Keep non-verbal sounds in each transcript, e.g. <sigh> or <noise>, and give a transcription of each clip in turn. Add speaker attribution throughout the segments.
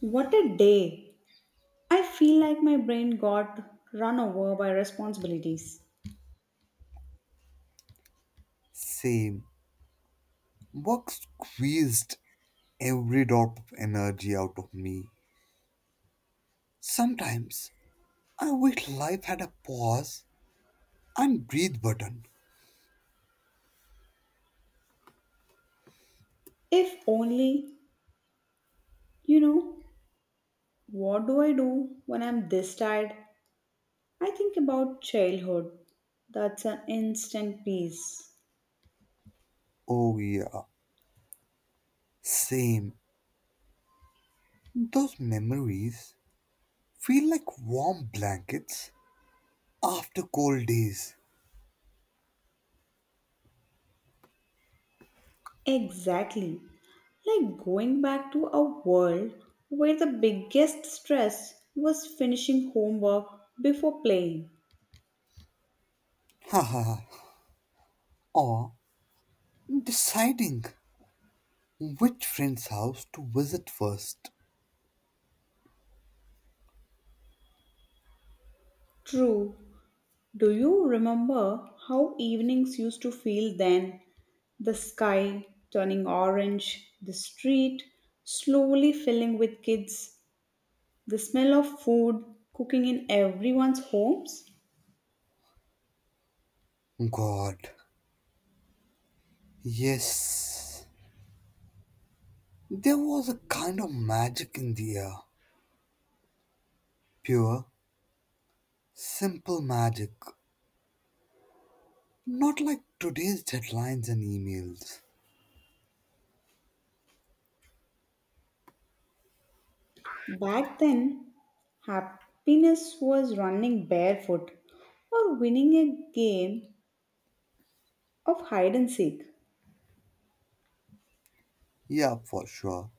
Speaker 1: What a day! I feel like my brain got run over by responsibilities.
Speaker 2: Same. Work squeezed every drop of energy out of me. Sometimes I wish life had a pause and breathe button.
Speaker 1: If only, you know, what do I do when I'm this tired? I think about childhood. That's an instant peace.
Speaker 2: Oh, yeah. Same. Those memories feel like warm blankets after cold days.
Speaker 1: Exactly. Like going back to a world where the biggest stress was finishing homework before playing.
Speaker 2: Haha, or deciding which friend's house to visit first.
Speaker 1: True. Do you remember how evenings used to feel then? The sky turning orange, the street slowly filling with kids, the smell of food cooking in everyone's homes.
Speaker 2: God, yes. There was a kind of magic in the air. Pure simple magic. Not like today's deadlines and emails.
Speaker 1: Back then, happiness was running barefoot or winning a game of hide and seek.
Speaker 2: Yeah, for sure.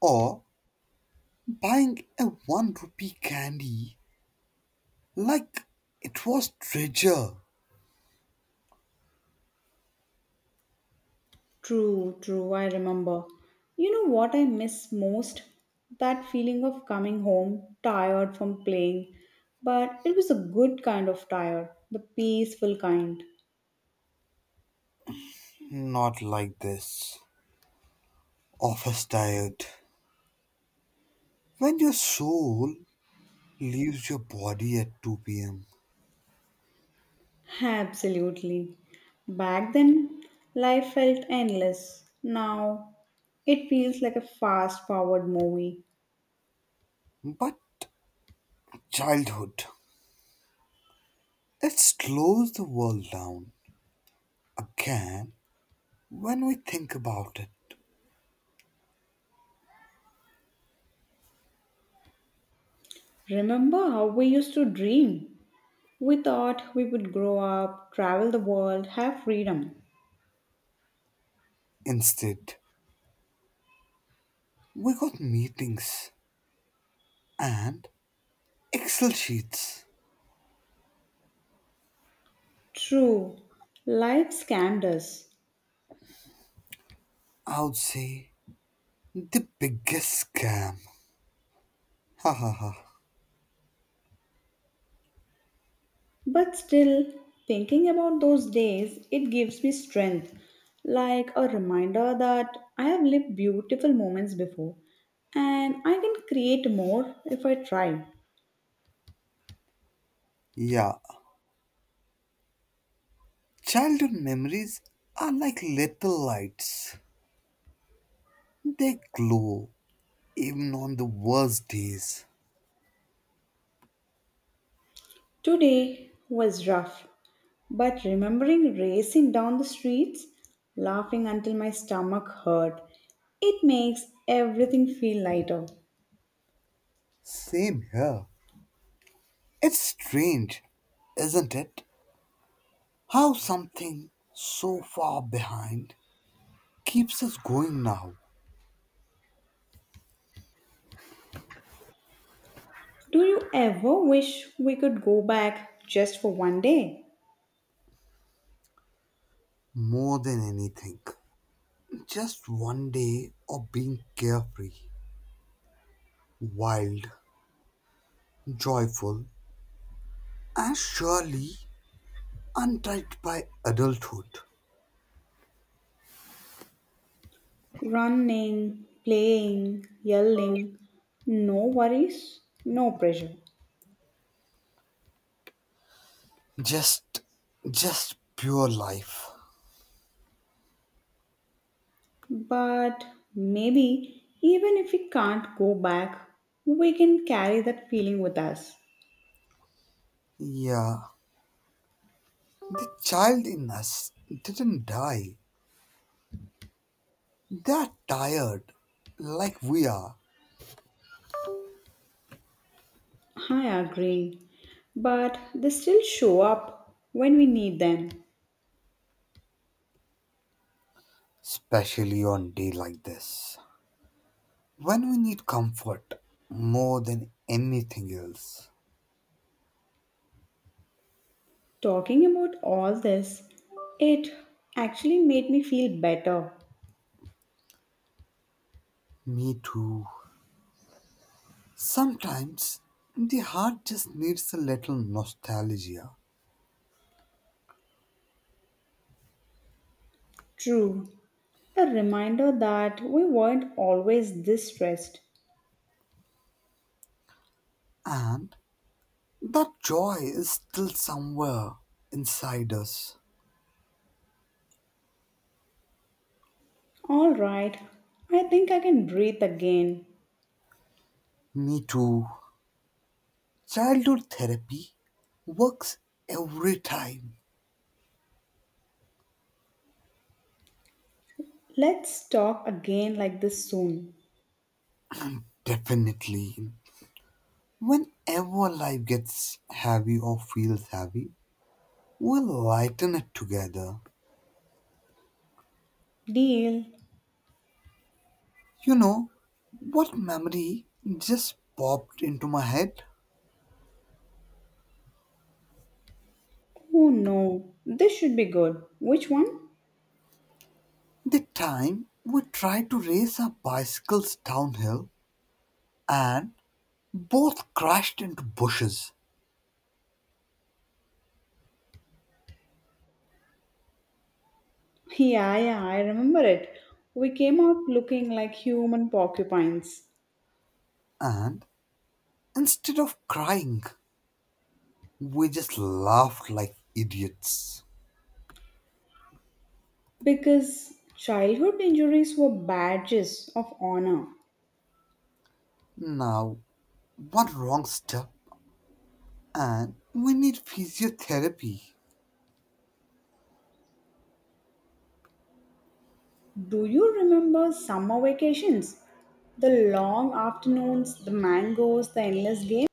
Speaker 2: Or buying a 1 rupee candy like it was treasure.
Speaker 1: True, true, I remember. You know what I miss most? That feeling of coming home tired from playing. But it was a good kind of tired, the peaceful kind.
Speaker 2: Not like this. Office tired. When your soul leaves your body at 2 pm.
Speaker 1: Absolutely. Back then, life felt endless. Now, it feels like a fast forward movie.
Speaker 2: But childhood. It slows the world down again when we think about it.
Speaker 1: Remember how we used to dream? We thought we would grow up, travel the world, have freedom.
Speaker 2: Instead, we got meetings and Excel sheets.
Speaker 1: True, life scammed us.
Speaker 2: I would say the biggest scam. Ha ha ha.
Speaker 1: But still, thinking about those days, it gives me strength, like a reminder that I have lived beautiful moments before and I can create more if I try.
Speaker 2: Yeah. Childhood memories are like little lights. They glow even on the worst days.
Speaker 1: Today was rough, but remembering racing down the streets, laughing until my stomach hurt, it makes everything feel lighter.
Speaker 2: Same here. It's strange, isn't it? How something so far behind keeps us going now
Speaker 1: Do you ever wish we could go back just for one day?
Speaker 2: more than anything. Just one day of being carefree, wild, joyful, and surely untried by adulthood.
Speaker 1: Running, playing, yelling, no worries, no pressure.
Speaker 2: Just, just pure life.
Speaker 1: But maybe even if we can't go back, we can carry that feeling with us.
Speaker 2: Yeah, the child in us didn't die. They're tired, like we are,
Speaker 1: I agree. But they still show up when we need them.
Speaker 2: especially on day like this, when we need comfort more than anything else.
Speaker 1: Talking about all this, it actually made me feel better.
Speaker 2: Me too. Sometimes the heart just needs a little nostalgia,
Speaker 1: True, a reminder that we weren't always this stressed.
Speaker 2: and that joy is still somewhere inside us.
Speaker 1: All right, I think I can breathe again.
Speaker 2: Me too. Childhood therapy works every time.
Speaker 1: Let's talk again like this soon.
Speaker 2: Definitely. Whenever life gets heavy or feels heavy, we'll lighten it together.
Speaker 1: Deal.
Speaker 2: You know what memory just popped into my head?
Speaker 1: Oh no, this should be good. Which one? <laughs>
Speaker 2: The time we tried to race our bicycles downhill and both crashed into bushes,
Speaker 1: Yeah, yeah, I remember it. We came out looking like human porcupines
Speaker 2: and instead of crying, we just laughed like idiots.
Speaker 1: because childhood injuries were badges of honor.
Speaker 2: Now, one wrong step, and we need physiotherapy.
Speaker 1: Do you remember summer vacations? The long afternoons, the mangoes, the endless game?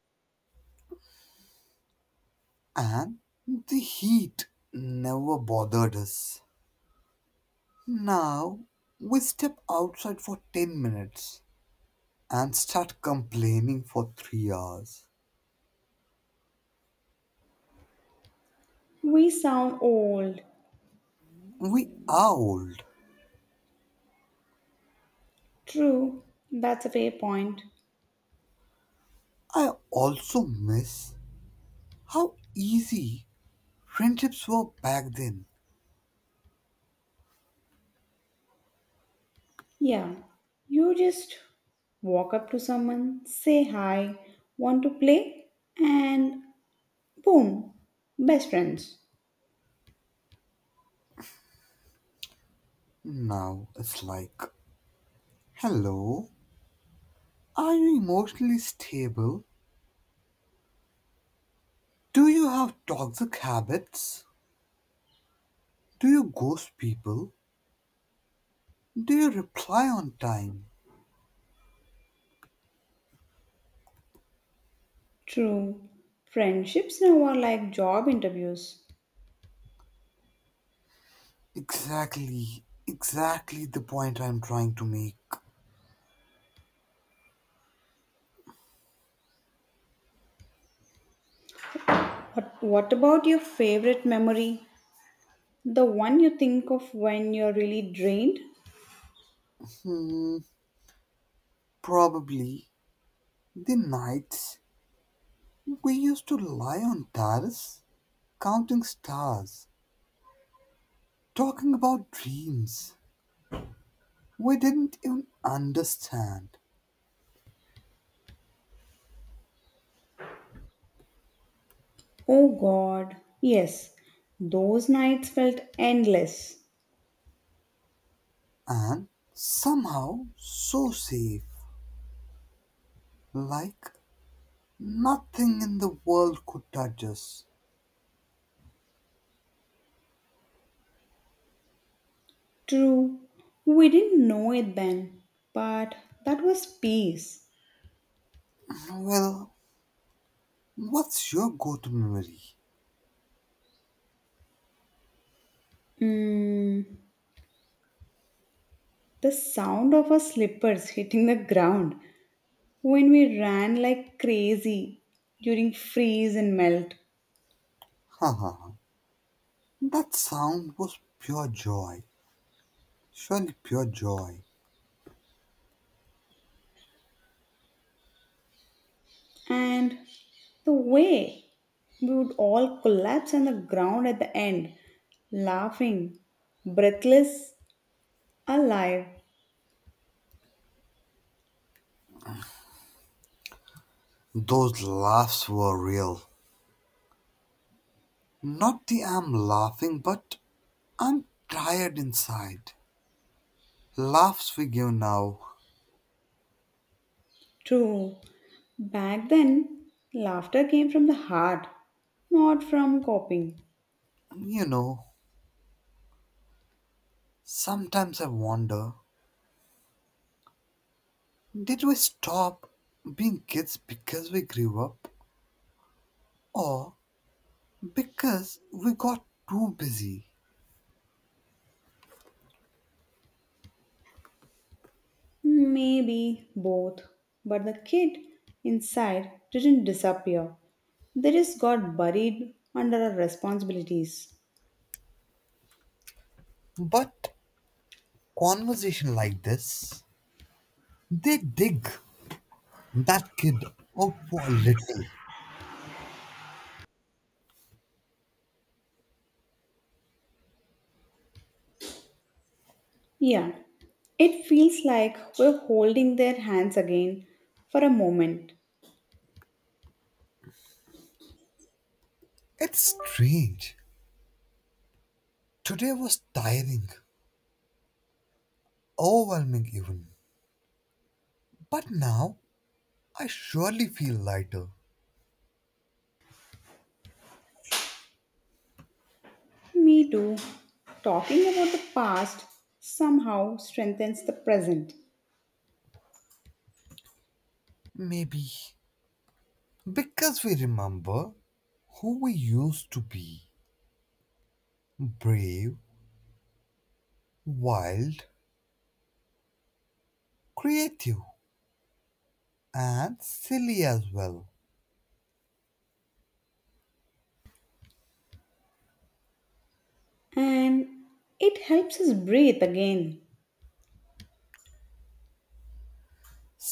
Speaker 2: And the heat never bothered us. Now, we step outside for 10 minutes and start complaining for 3 hours.
Speaker 1: We sound old.
Speaker 2: We are old.
Speaker 1: True, that's a fair point.
Speaker 2: I also miss how easy friendships were back then.
Speaker 1: Yeah, you just walk up to someone, say hi, want to play, and boom, best friends.
Speaker 2: Now it's like, hello, are you emotionally stable? Do you have toxic habits? Do you ghost people? Do you reply on time?
Speaker 1: True, friendships now are like job interviews.
Speaker 2: Exactly, exactly the point I'm trying to make.
Speaker 1: But what about your favorite memory? The one you think of when you're really drained?
Speaker 2: Hmm, Probably the nights we used to lie on terrace, counting stars, talking about dreams we didn't even understand,
Speaker 1: Oh god, yes, those nights felt endless.
Speaker 2: and somehow so safe. Like nothing in the world could touch us.
Speaker 1: True, we didn't know it then, but that was peace.
Speaker 2: Well, what's your go to memory?
Speaker 1: Mm, the sound of our slippers hitting the ground when we ran like crazy during freeze and melt,
Speaker 2: Ha ha ha. That sound was pure joy. Surely pure joy.
Speaker 1: and the way we would all collapse on the ground at the end, laughing, breathless, alive.
Speaker 2: Those laughs were real. Not the I'm laughing, but I'm tired inside. Laughs we give now.
Speaker 1: True, back then, laughter came from the heart, not from copying.
Speaker 2: You know, sometimes I wonder, did we stop being kids because we grew up or because we got too busy?
Speaker 1: Maybe both. But the kid inside didn't disappear. They just got buried under our responsibilities.
Speaker 2: But conversation like this, they dig that kid out for a little.
Speaker 1: Yeah, it feels like we're holding their hands again for a moment.
Speaker 2: It's strange. Today was tiring, overwhelming even. But now I surely feel lighter.
Speaker 1: Me too. Talking about the past somehow strengthens the present,
Speaker 2: Maybe because we remember who we used to be: brave, wild, creative, and silly as well.
Speaker 1: and it helps us breathe again.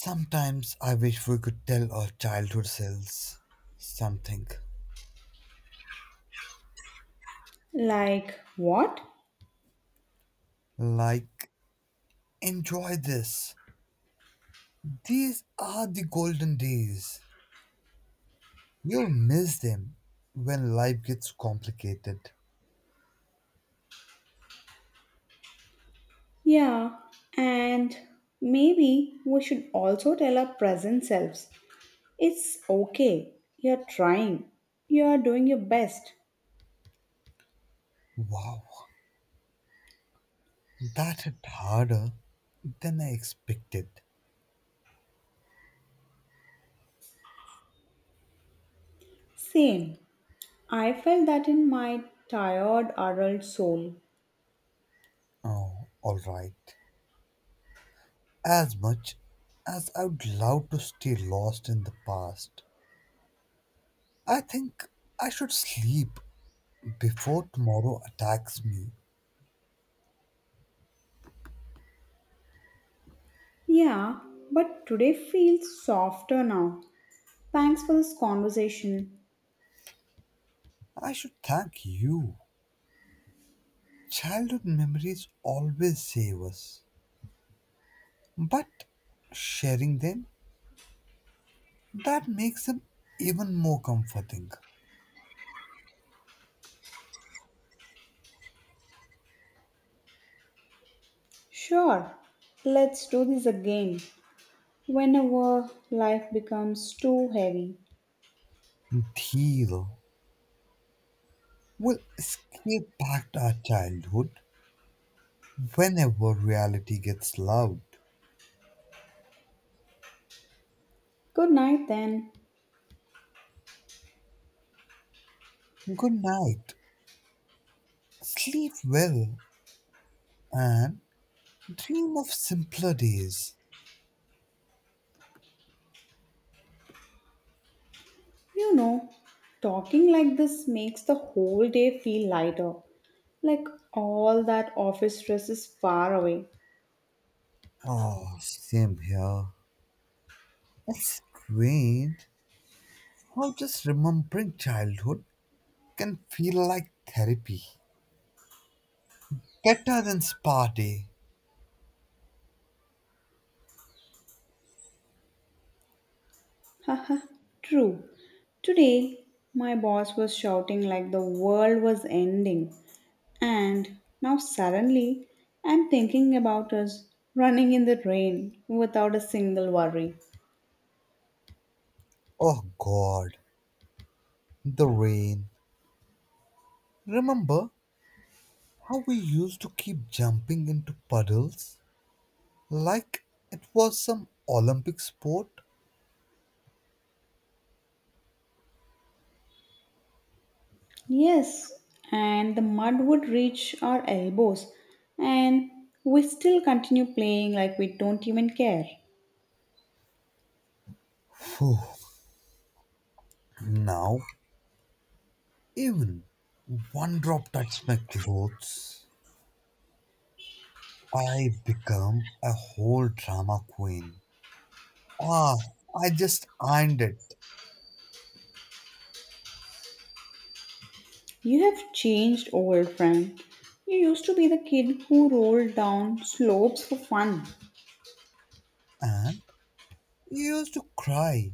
Speaker 2: Sometimes I wish we could tell our childhood selves something
Speaker 1: Like what?
Speaker 2: like, enjoy this. These are the golden days. You'll miss them when life gets complicated.
Speaker 1: Yeah, and maybe we should also tell our present selves it's okay, you're trying, you're doing your best.
Speaker 2: Wow, that hit harder than I expected.
Speaker 1: Same, I felt that in my tired adult soul.
Speaker 2: Oh, alright. As much as I would love to stay lost in the past, I think I should sleep before tomorrow attacks me.
Speaker 1: Yeah, but today feels softer now. Thanks for this conversation.
Speaker 2: I should thank you. Childhood memories always save us, but sharing them, that makes him even more comforting.
Speaker 1: Sure, let's do this again whenever life becomes too heavy.
Speaker 2: Dhir will escape back to our childhood whenever reality gets loud.
Speaker 1: Good night then.
Speaker 2: Good night, sleep well, and dream of simpler days.
Speaker 1: You know, talking like this makes the whole day feel lighter. Like all that office stress is far away.
Speaker 2: Oh, same here. It's strange how just remembering childhood can feel like therapy. Better than spa day.
Speaker 1: Haha, true. Today, my boss was shouting like the world was ending. And now suddenly, I'm thinking about us running in the rain without a single worry.
Speaker 2: Oh God, the rain. Remember how we used to keep jumping into puddles like it was some Olympic sport.
Speaker 1: Yes, and the mud would reach our elbows, and we still continue playing like we don't even care.
Speaker 2: Phew. Now, even one drop touched my clothes. I become a whole drama queen. Ah, I just ironed it.
Speaker 1: You have changed, old friend. You used to be the kid who rolled down slopes for fun.
Speaker 2: And you used to cry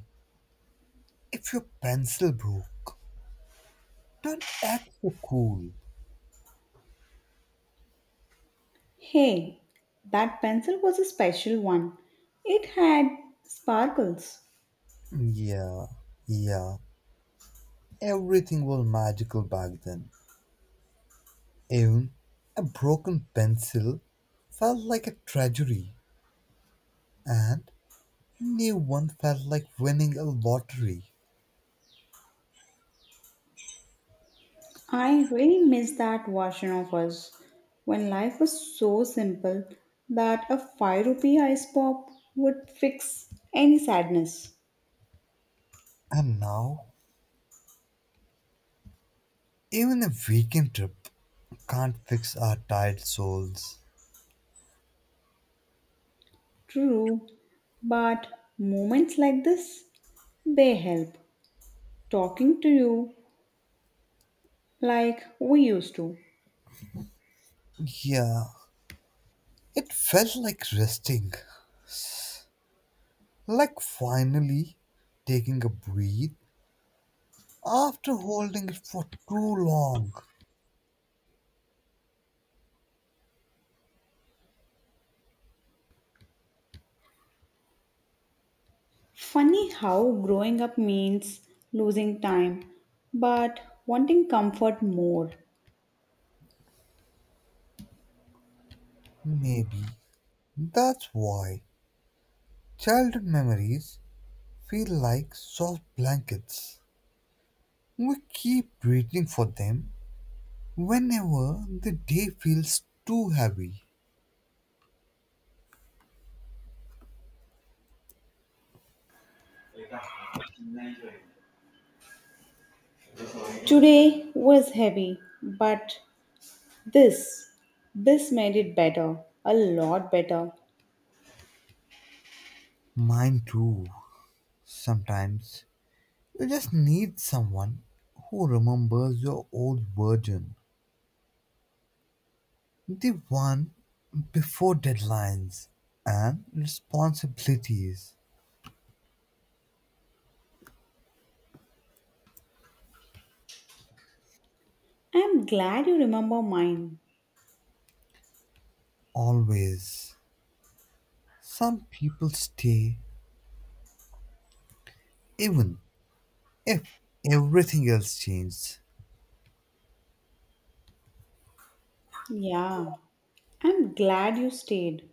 Speaker 2: if your pencil broke. Don't act so cool.
Speaker 1: Hey, that pencil was a special one. It had sparkles.
Speaker 2: Yeah, yeah. Everything was magical back then. Even a broken pencil felt like a tragedy, and a new one felt like winning a lottery.
Speaker 1: I really miss that version of us when life was so simple that a 5 rupee ice pop would fix any sadness.
Speaker 2: And now, even a weekend trip can't fix our tired souls.
Speaker 1: True, but moments like this, they help. Talking to you like we used to.
Speaker 2: Yeah, it felt like resting, like finally taking a breath after holding it for too long.
Speaker 1: Funny how growing up means losing time, but wanting comfort more.
Speaker 2: Maybe that's why childhood memories feel like soft blankets. We keep waiting for them whenever the day feels too heavy.
Speaker 1: Today was heavy, but this, this made it better, a lot better.
Speaker 2: Mine too. Sometimes you just need someone who remembers your old version, the one before deadlines and responsibilities.
Speaker 1: I'm glad you remember mine.
Speaker 2: Always. Some people stay even if everything else changes.
Speaker 1: Yeah, I'm glad you stayed.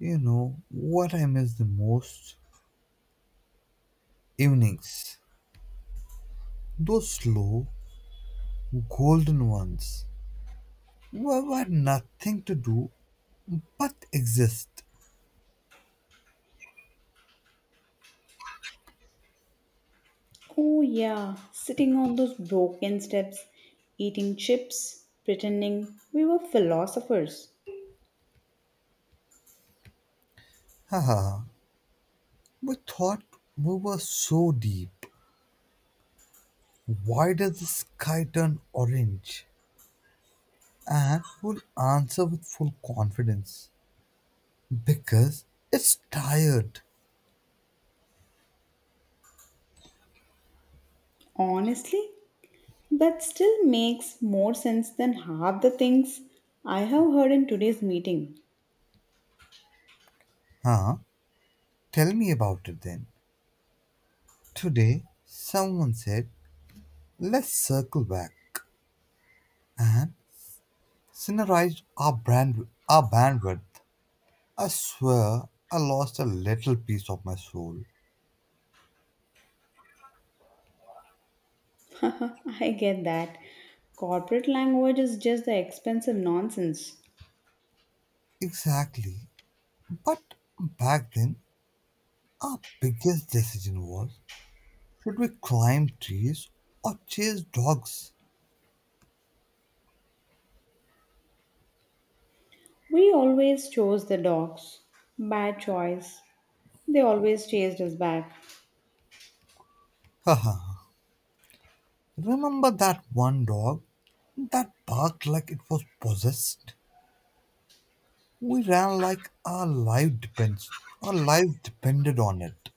Speaker 2: You know what I miss the most? Evenings. Those slow, golden ones, were nothing to do but exist.
Speaker 1: Oh, yeah, sitting on those broken steps, eating chips, pretending we were philosophers.
Speaker 2: Haha, we thought we were so deep. Why does the sky turn orange? And we'll answer with full confidence. Because it's tired.
Speaker 1: Honestly, that still makes more sense than half the things I have heard in today's meeting.
Speaker 2: Huh? Tell me about it then. Today, someone said, let's circle back and synchronized our bandwidth. I swear I lost a little piece of my soul.
Speaker 1: <laughs> I get that. Corporate language is just the expensive nonsense.
Speaker 2: Exactly. But back then, our biggest decision was, should we climb trees or chase dogs?
Speaker 1: We always chose the dogs. Bad choice. They always chased us back.
Speaker 2: Haha. Remember that one dog that barked like it was possessed? We ran like our life depended on it.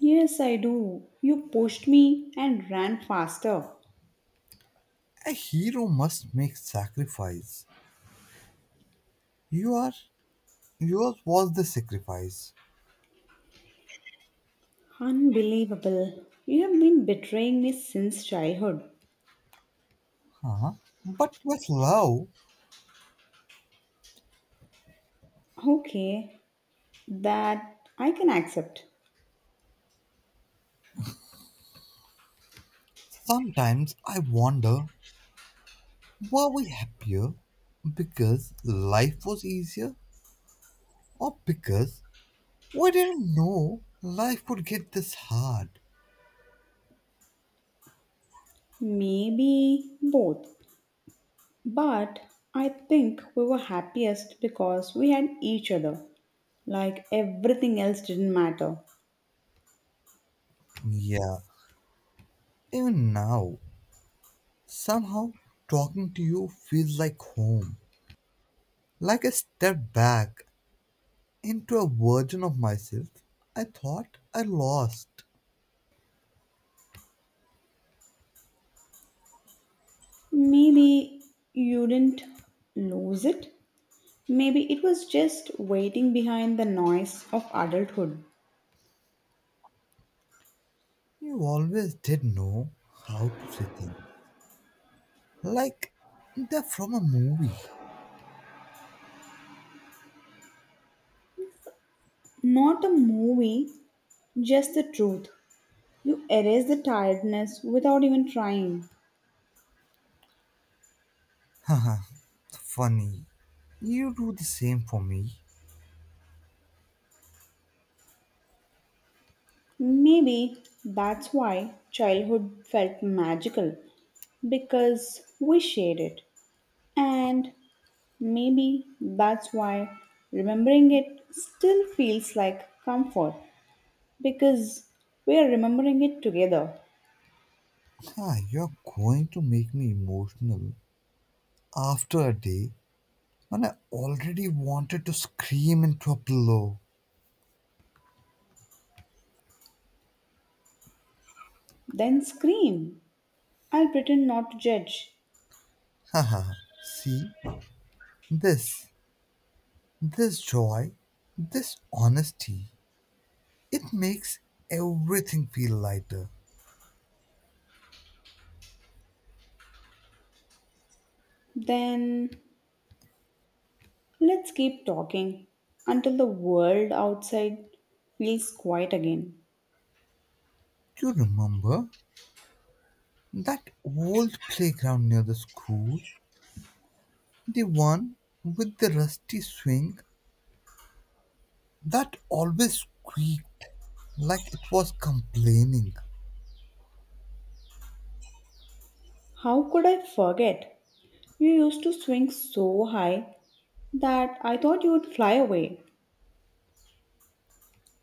Speaker 1: Yes, I do. You pushed me and ran faster.
Speaker 2: A hero must make sacrifice. You are yours was the sacrifice.
Speaker 1: Unbelievable. You have been betraying me since childhood.
Speaker 2: Huh? But with love.
Speaker 1: Okay, that I can accept.
Speaker 2: Sometimes I wonder, were we happier because life was easier or because we didn't know life would get this hard?
Speaker 1: Maybe both. But I think we were happiest because we had each other. Like everything else didn't matter.
Speaker 2: Yeah, even now, somehow talking to you feels like home, like I step back into a version of myself I thought I lost.
Speaker 1: Maybe you didn't lose it. Maybe it was just waiting behind the noise of adulthood.
Speaker 2: You always did know how to say things, like they're from a movie.
Speaker 1: Not a movie, just the truth. You erase the tiredness without even trying.
Speaker 2: Haha, funny. You do the same for me.
Speaker 1: Maybe that's why childhood felt magical because we shared it. And maybe that's why remembering it still feels like comfort because we are remembering it together.
Speaker 2: Huh, you're going to make me emotional after a day when I already wanted to scream into a pillow.
Speaker 1: Then scream. I'll pretend not to judge.
Speaker 2: Haha, see, this, this joy, this honesty, it makes everything feel lighter.
Speaker 1: Then let's keep talking until the world outside feels quiet again.
Speaker 2: You remember that old playground near the school? The one with the rusty swing that always squeaked like it was complaining.
Speaker 1: How could I forget? You used to swing so high that I thought you would fly away.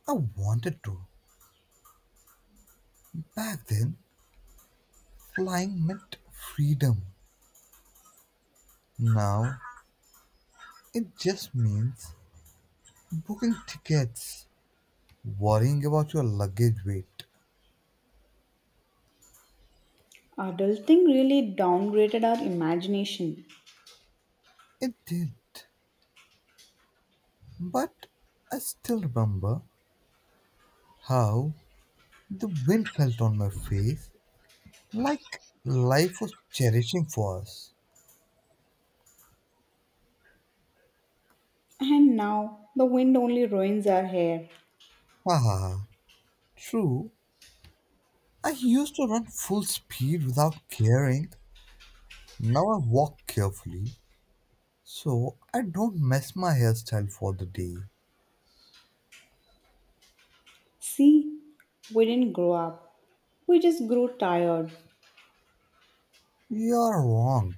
Speaker 2: I wanted to. Back then, flying meant freedom. Now, it just means booking tickets, worrying about your luggage weight.
Speaker 1: Adulting really downgraded our imagination.
Speaker 2: It did. But I still remember how the wind felt on my face like life was cherishing for us.
Speaker 1: And now the wind only ruins our hair.
Speaker 2: Haha, true. I used to run full speed without caring. Now I walk carefully so I don't mess my hairstyle for the day.
Speaker 1: See, we didn't grow up, we just grew tired.
Speaker 2: You're wrong.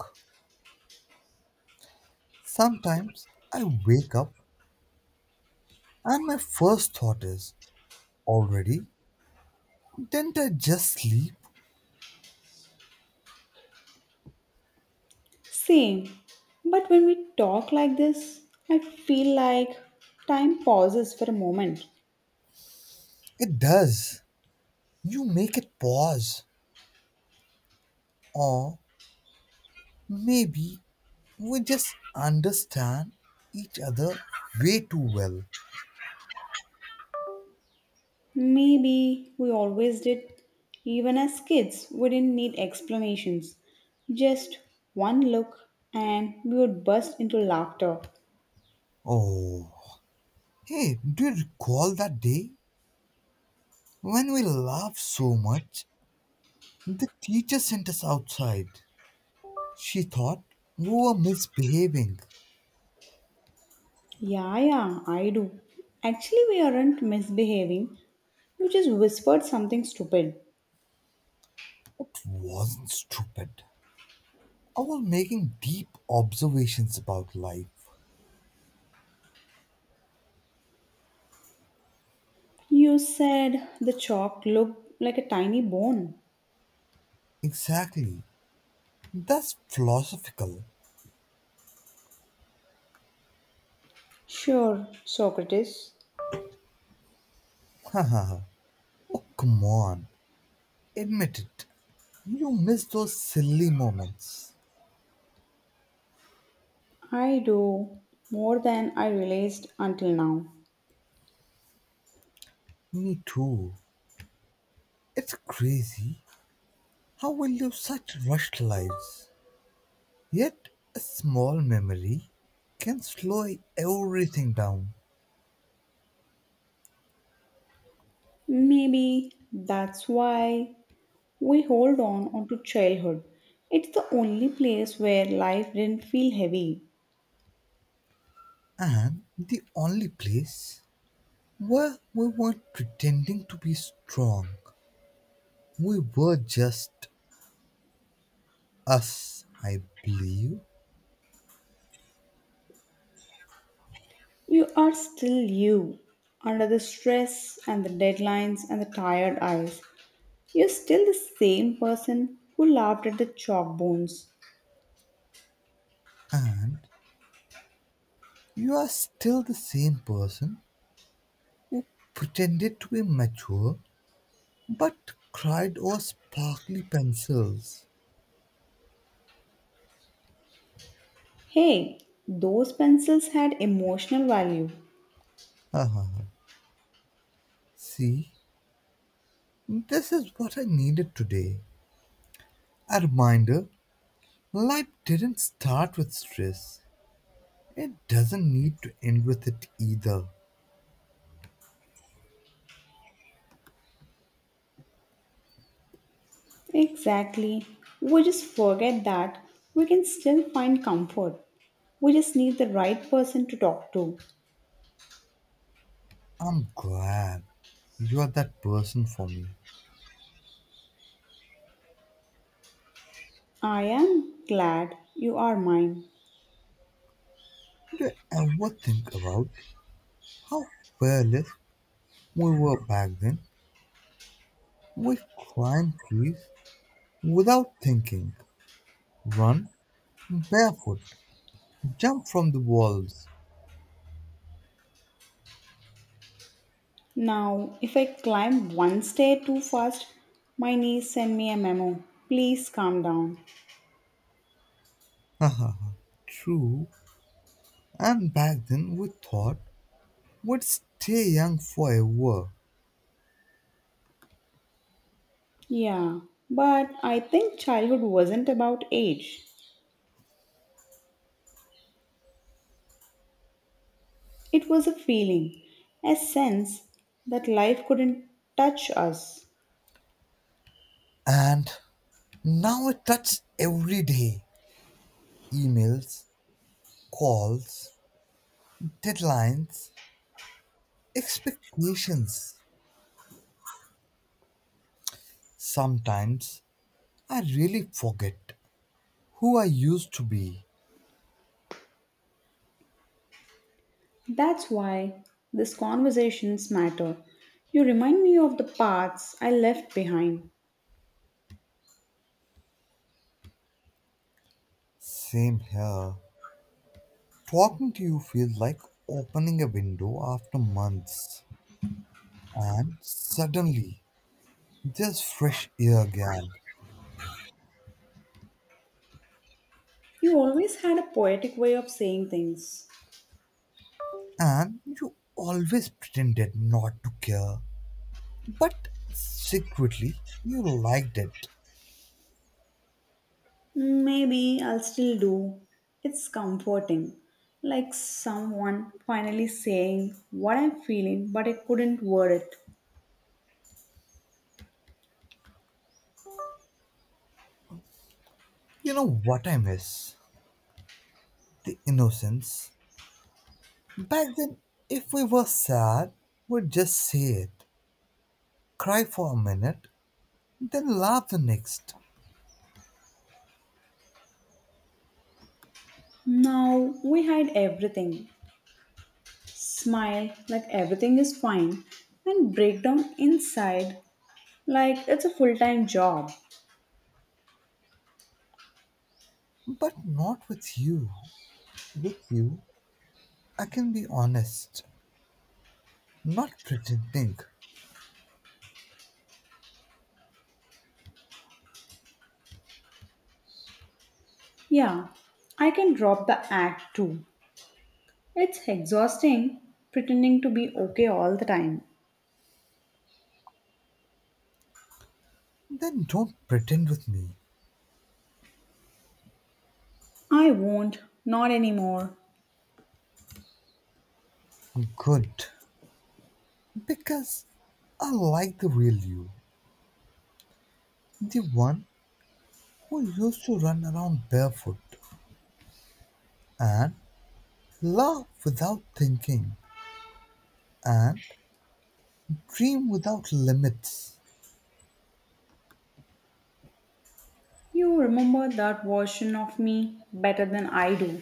Speaker 2: Sometimes I wake up and my first thought is, already? Didn't I just sleep?
Speaker 1: Same. But when we talk like this, I feel like time pauses for a moment.
Speaker 2: It does. You make it pause. Or maybe we just understand each other way too well.
Speaker 1: Maybe we always did. Even as kids, we didn't need explanations. Just one look, and we would burst into laughter.
Speaker 2: Oh. Hey, do you recall that day when we laughed so much? The teacher sent us outside. She thought we were misbehaving,
Speaker 1: Yeah, yeah, I do. Actually, we aren't misbehaving. You just whispered something stupid.
Speaker 2: but wasn't stupid. I was making deep observations about life.
Speaker 1: You said the chalk looked like a tiny bone.
Speaker 2: Exactly. That's philosophical.
Speaker 1: Sure, Socrates.
Speaker 2: <laughs> Oh, come on. Admit it. You miss those silly moments.
Speaker 1: I do, more than I realized until now.
Speaker 2: Me too. It's crazy how we live such rushed lives. Yet, a small memory can slow everything down.
Speaker 1: Maybe that's why we hold on onto childhood. It's the only place where life didn't feel heavy.
Speaker 2: And the only place, well, we weren't pretending to be strong. We were just us, I believe.
Speaker 1: You are still you, under the stress and the deadlines and the tired eyes. You're still the same person who laughed at the chalk bones.
Speaker 2: And you are still the same person who pretended to be mature but cried over sparkly pencils.
Speaker 1: Hey, those pencils had emotional value.
Speaker 2: Ha ha ha. See, this is what I needed today. A reminder: life didn't start with stress, it doesn't need to end with it either.
Speaker 1: Exactly. We just forget that we can still find comfort. We just need the right person to talk to.
Speaker 2: I'm glad you are that person for me.
Speaker 1: I am glad you are mine.
Speaker 2: Then I think about how fearless we were back then. We climbed trees without thinking, run barefoot, jump from the walls.
Speaker 1: Now, if I climb one stair too fast, my niece sent me a memo. Please calm down.
Speaker 2: <laughs> True, and back then we thought we'd stay young forever.
Speaker 1: Yeah, but I think childhood wasn't about age. It was a feeling, a sense that life couldn't touch us.
Speaker 2: And now it touches every day: emails, calls, deadlines, expectations. Sometimes I really forget who I used to be.
Speaker 1: That's why these conversations matter. You remind me of the paths I left behind.
Speaker 2: Same here. Talking to you feels like opening a window after months, and suddenly there's fresh air again.
Speaker 1: You always had a poetic way of saying things.
Speaker 2: And you always pretended not to care, but secretly you liked it.
Speaker 1: Maybe I'll still do. It's comforting. Like someone finally saying what I'm feeling, but I couldn't word it.
Speaker 2: You know what I miss? The innocence. Back then, if we were sad, we'd just say it, cry for a minute, then laugh the next.
Speaker 1: Now we hide everything, smile like everything is fine, and break down inside like it's a full time job.
Speaker 2: But not with you. With you, I can be honest, not pretending.
Speaker 1: Yeah, I can drop the act too. It's exhausting pretending to be okay all the time.
Speaker 2: Then don't pretend with me.
Speaker 1: I won't, not anymore.
Speaker 2: Good. Because I like the real you, the one who used to run around barefoot and laugh without thinking and dream without limits.
Speaker 1: You remember that version of me better than I do.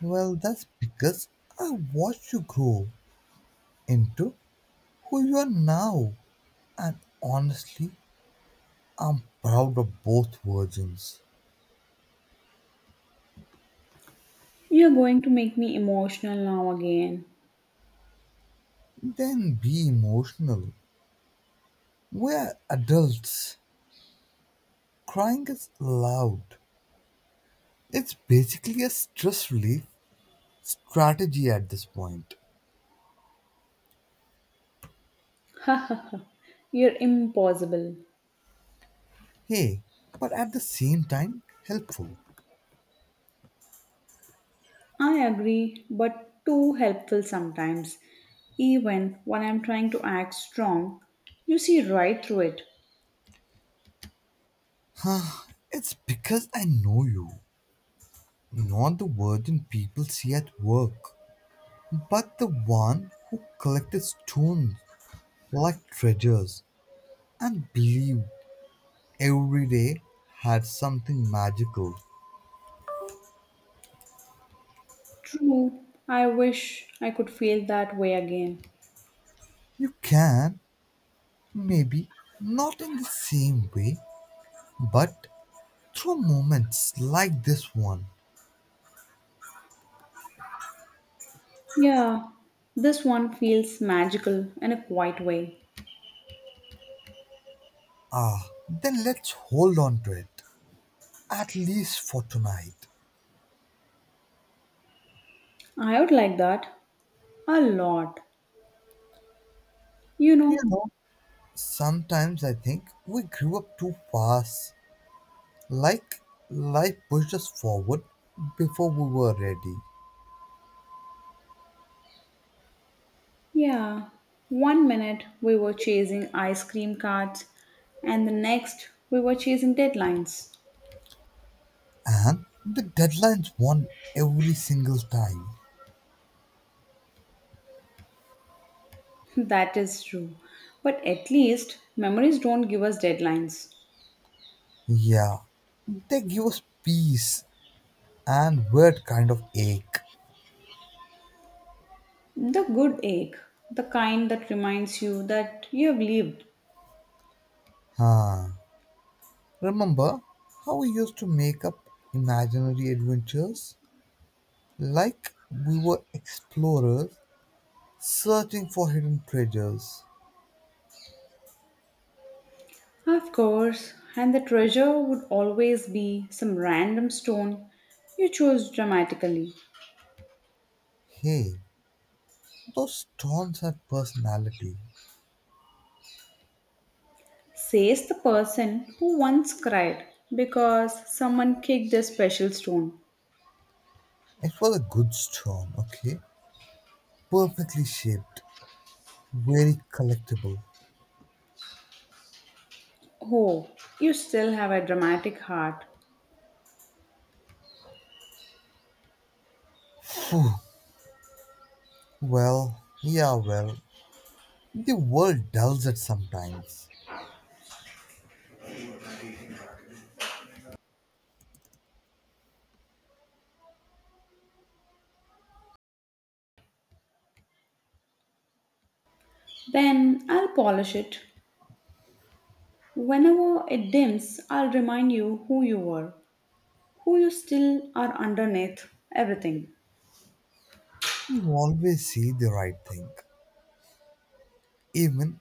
Speaker 2: Well, that's because I watched you grow into who you are now, and honestly, I'm proud of both versions.
Speaker 1: You're going to make me emotional now again.
Speaker 2: Then be emotional. We're adults. Crying is loud. It's basically a stress relief strategy at this point.
Speaker 1: You're impossible.
Speaker 2: Hey, but at the same time, helpful.
Speaker 1: I agree, but too helpful sometimes. Even when I'm trying to act strong, you see right through it.
Speaker 2: It's because I know you, not the virgin people see at work, but the one who collected stones like treasures and believed every day had something magical.
Speaker 1: True, I wish I could feel that way again.
Speaker 2: You can, maybe, not in the same way, but through moments like this one.
Speaker 1: Yeah, this one feels magical in a quiet way.
Speaker 2: Ah, then let's hold on to it, at least for tonight.
Speaker 1: I would like that a lot. You
Speaker 2: You
Speaker 1: know,
Speaker 2: know, sometimes I think we grew up too fast, like life pushed us forward before we were ready,
Speaker 1: yeah, one minute we were chasing ice cream carts, and the next we were chasing deadlines.
Speaker 2: and the deadlines won every single time.
Speaker 1: That is true. But at least memories don't give us deadlines.
Speaker 2: Yeah, they give us peace and weird kind of ache.
Speaker 1: The good ache, the kind that reminds you that you have lived.
Speaker 2: Huh. Remember how we used to make up imaginary adventures? Like we were explorers searching for hidden treasures.
Speaker 1: Of course, and the treasure would always be some random stone you chose dramatically.
Speaker 2: Hey, those storms had personality.
Speaker 1: Says the person who once cried because someone kicked a special stone.
Speaker 2: It was a good storm, okay? Perfectly shaped, very collectible.
Speaker 1: Oh, you still have a dramatic heart.
Speaker 2: Phew, well, yeah, well, the world does it sometimes.
Speaker 1: Then I'll polish it. Whenever it dims, I'll remind you who you were, who you still are underneath everything.
Speaker 2: You always see the right thing. Even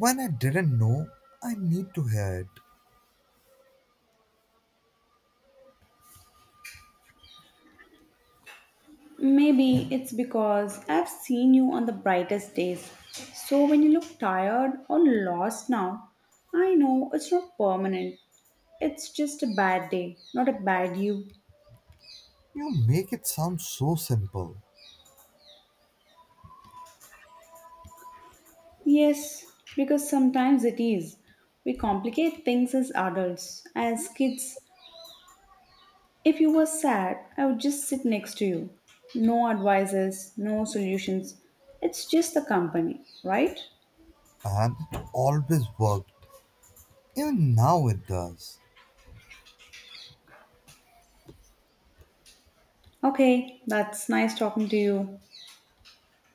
Speaker 2: when I didn't know, I need to hear it.
Speaker 1: Maybe it's because I've seen you on the brightest days. So when you look tired or lost now, I know it's not permanent. It's just a bad day, not a bad you.
Speaker 2: You make it sound so simple,
Speaker 1: Yes, because sometimes it is. We complicate things as adults. As kids, if you were sad, I would just sit next to you. No advices, no solutions. It's just the company, right?
Speaker 2: and it always worked. Even now it does.
Speaker 1: Okay, that's nice talking to you.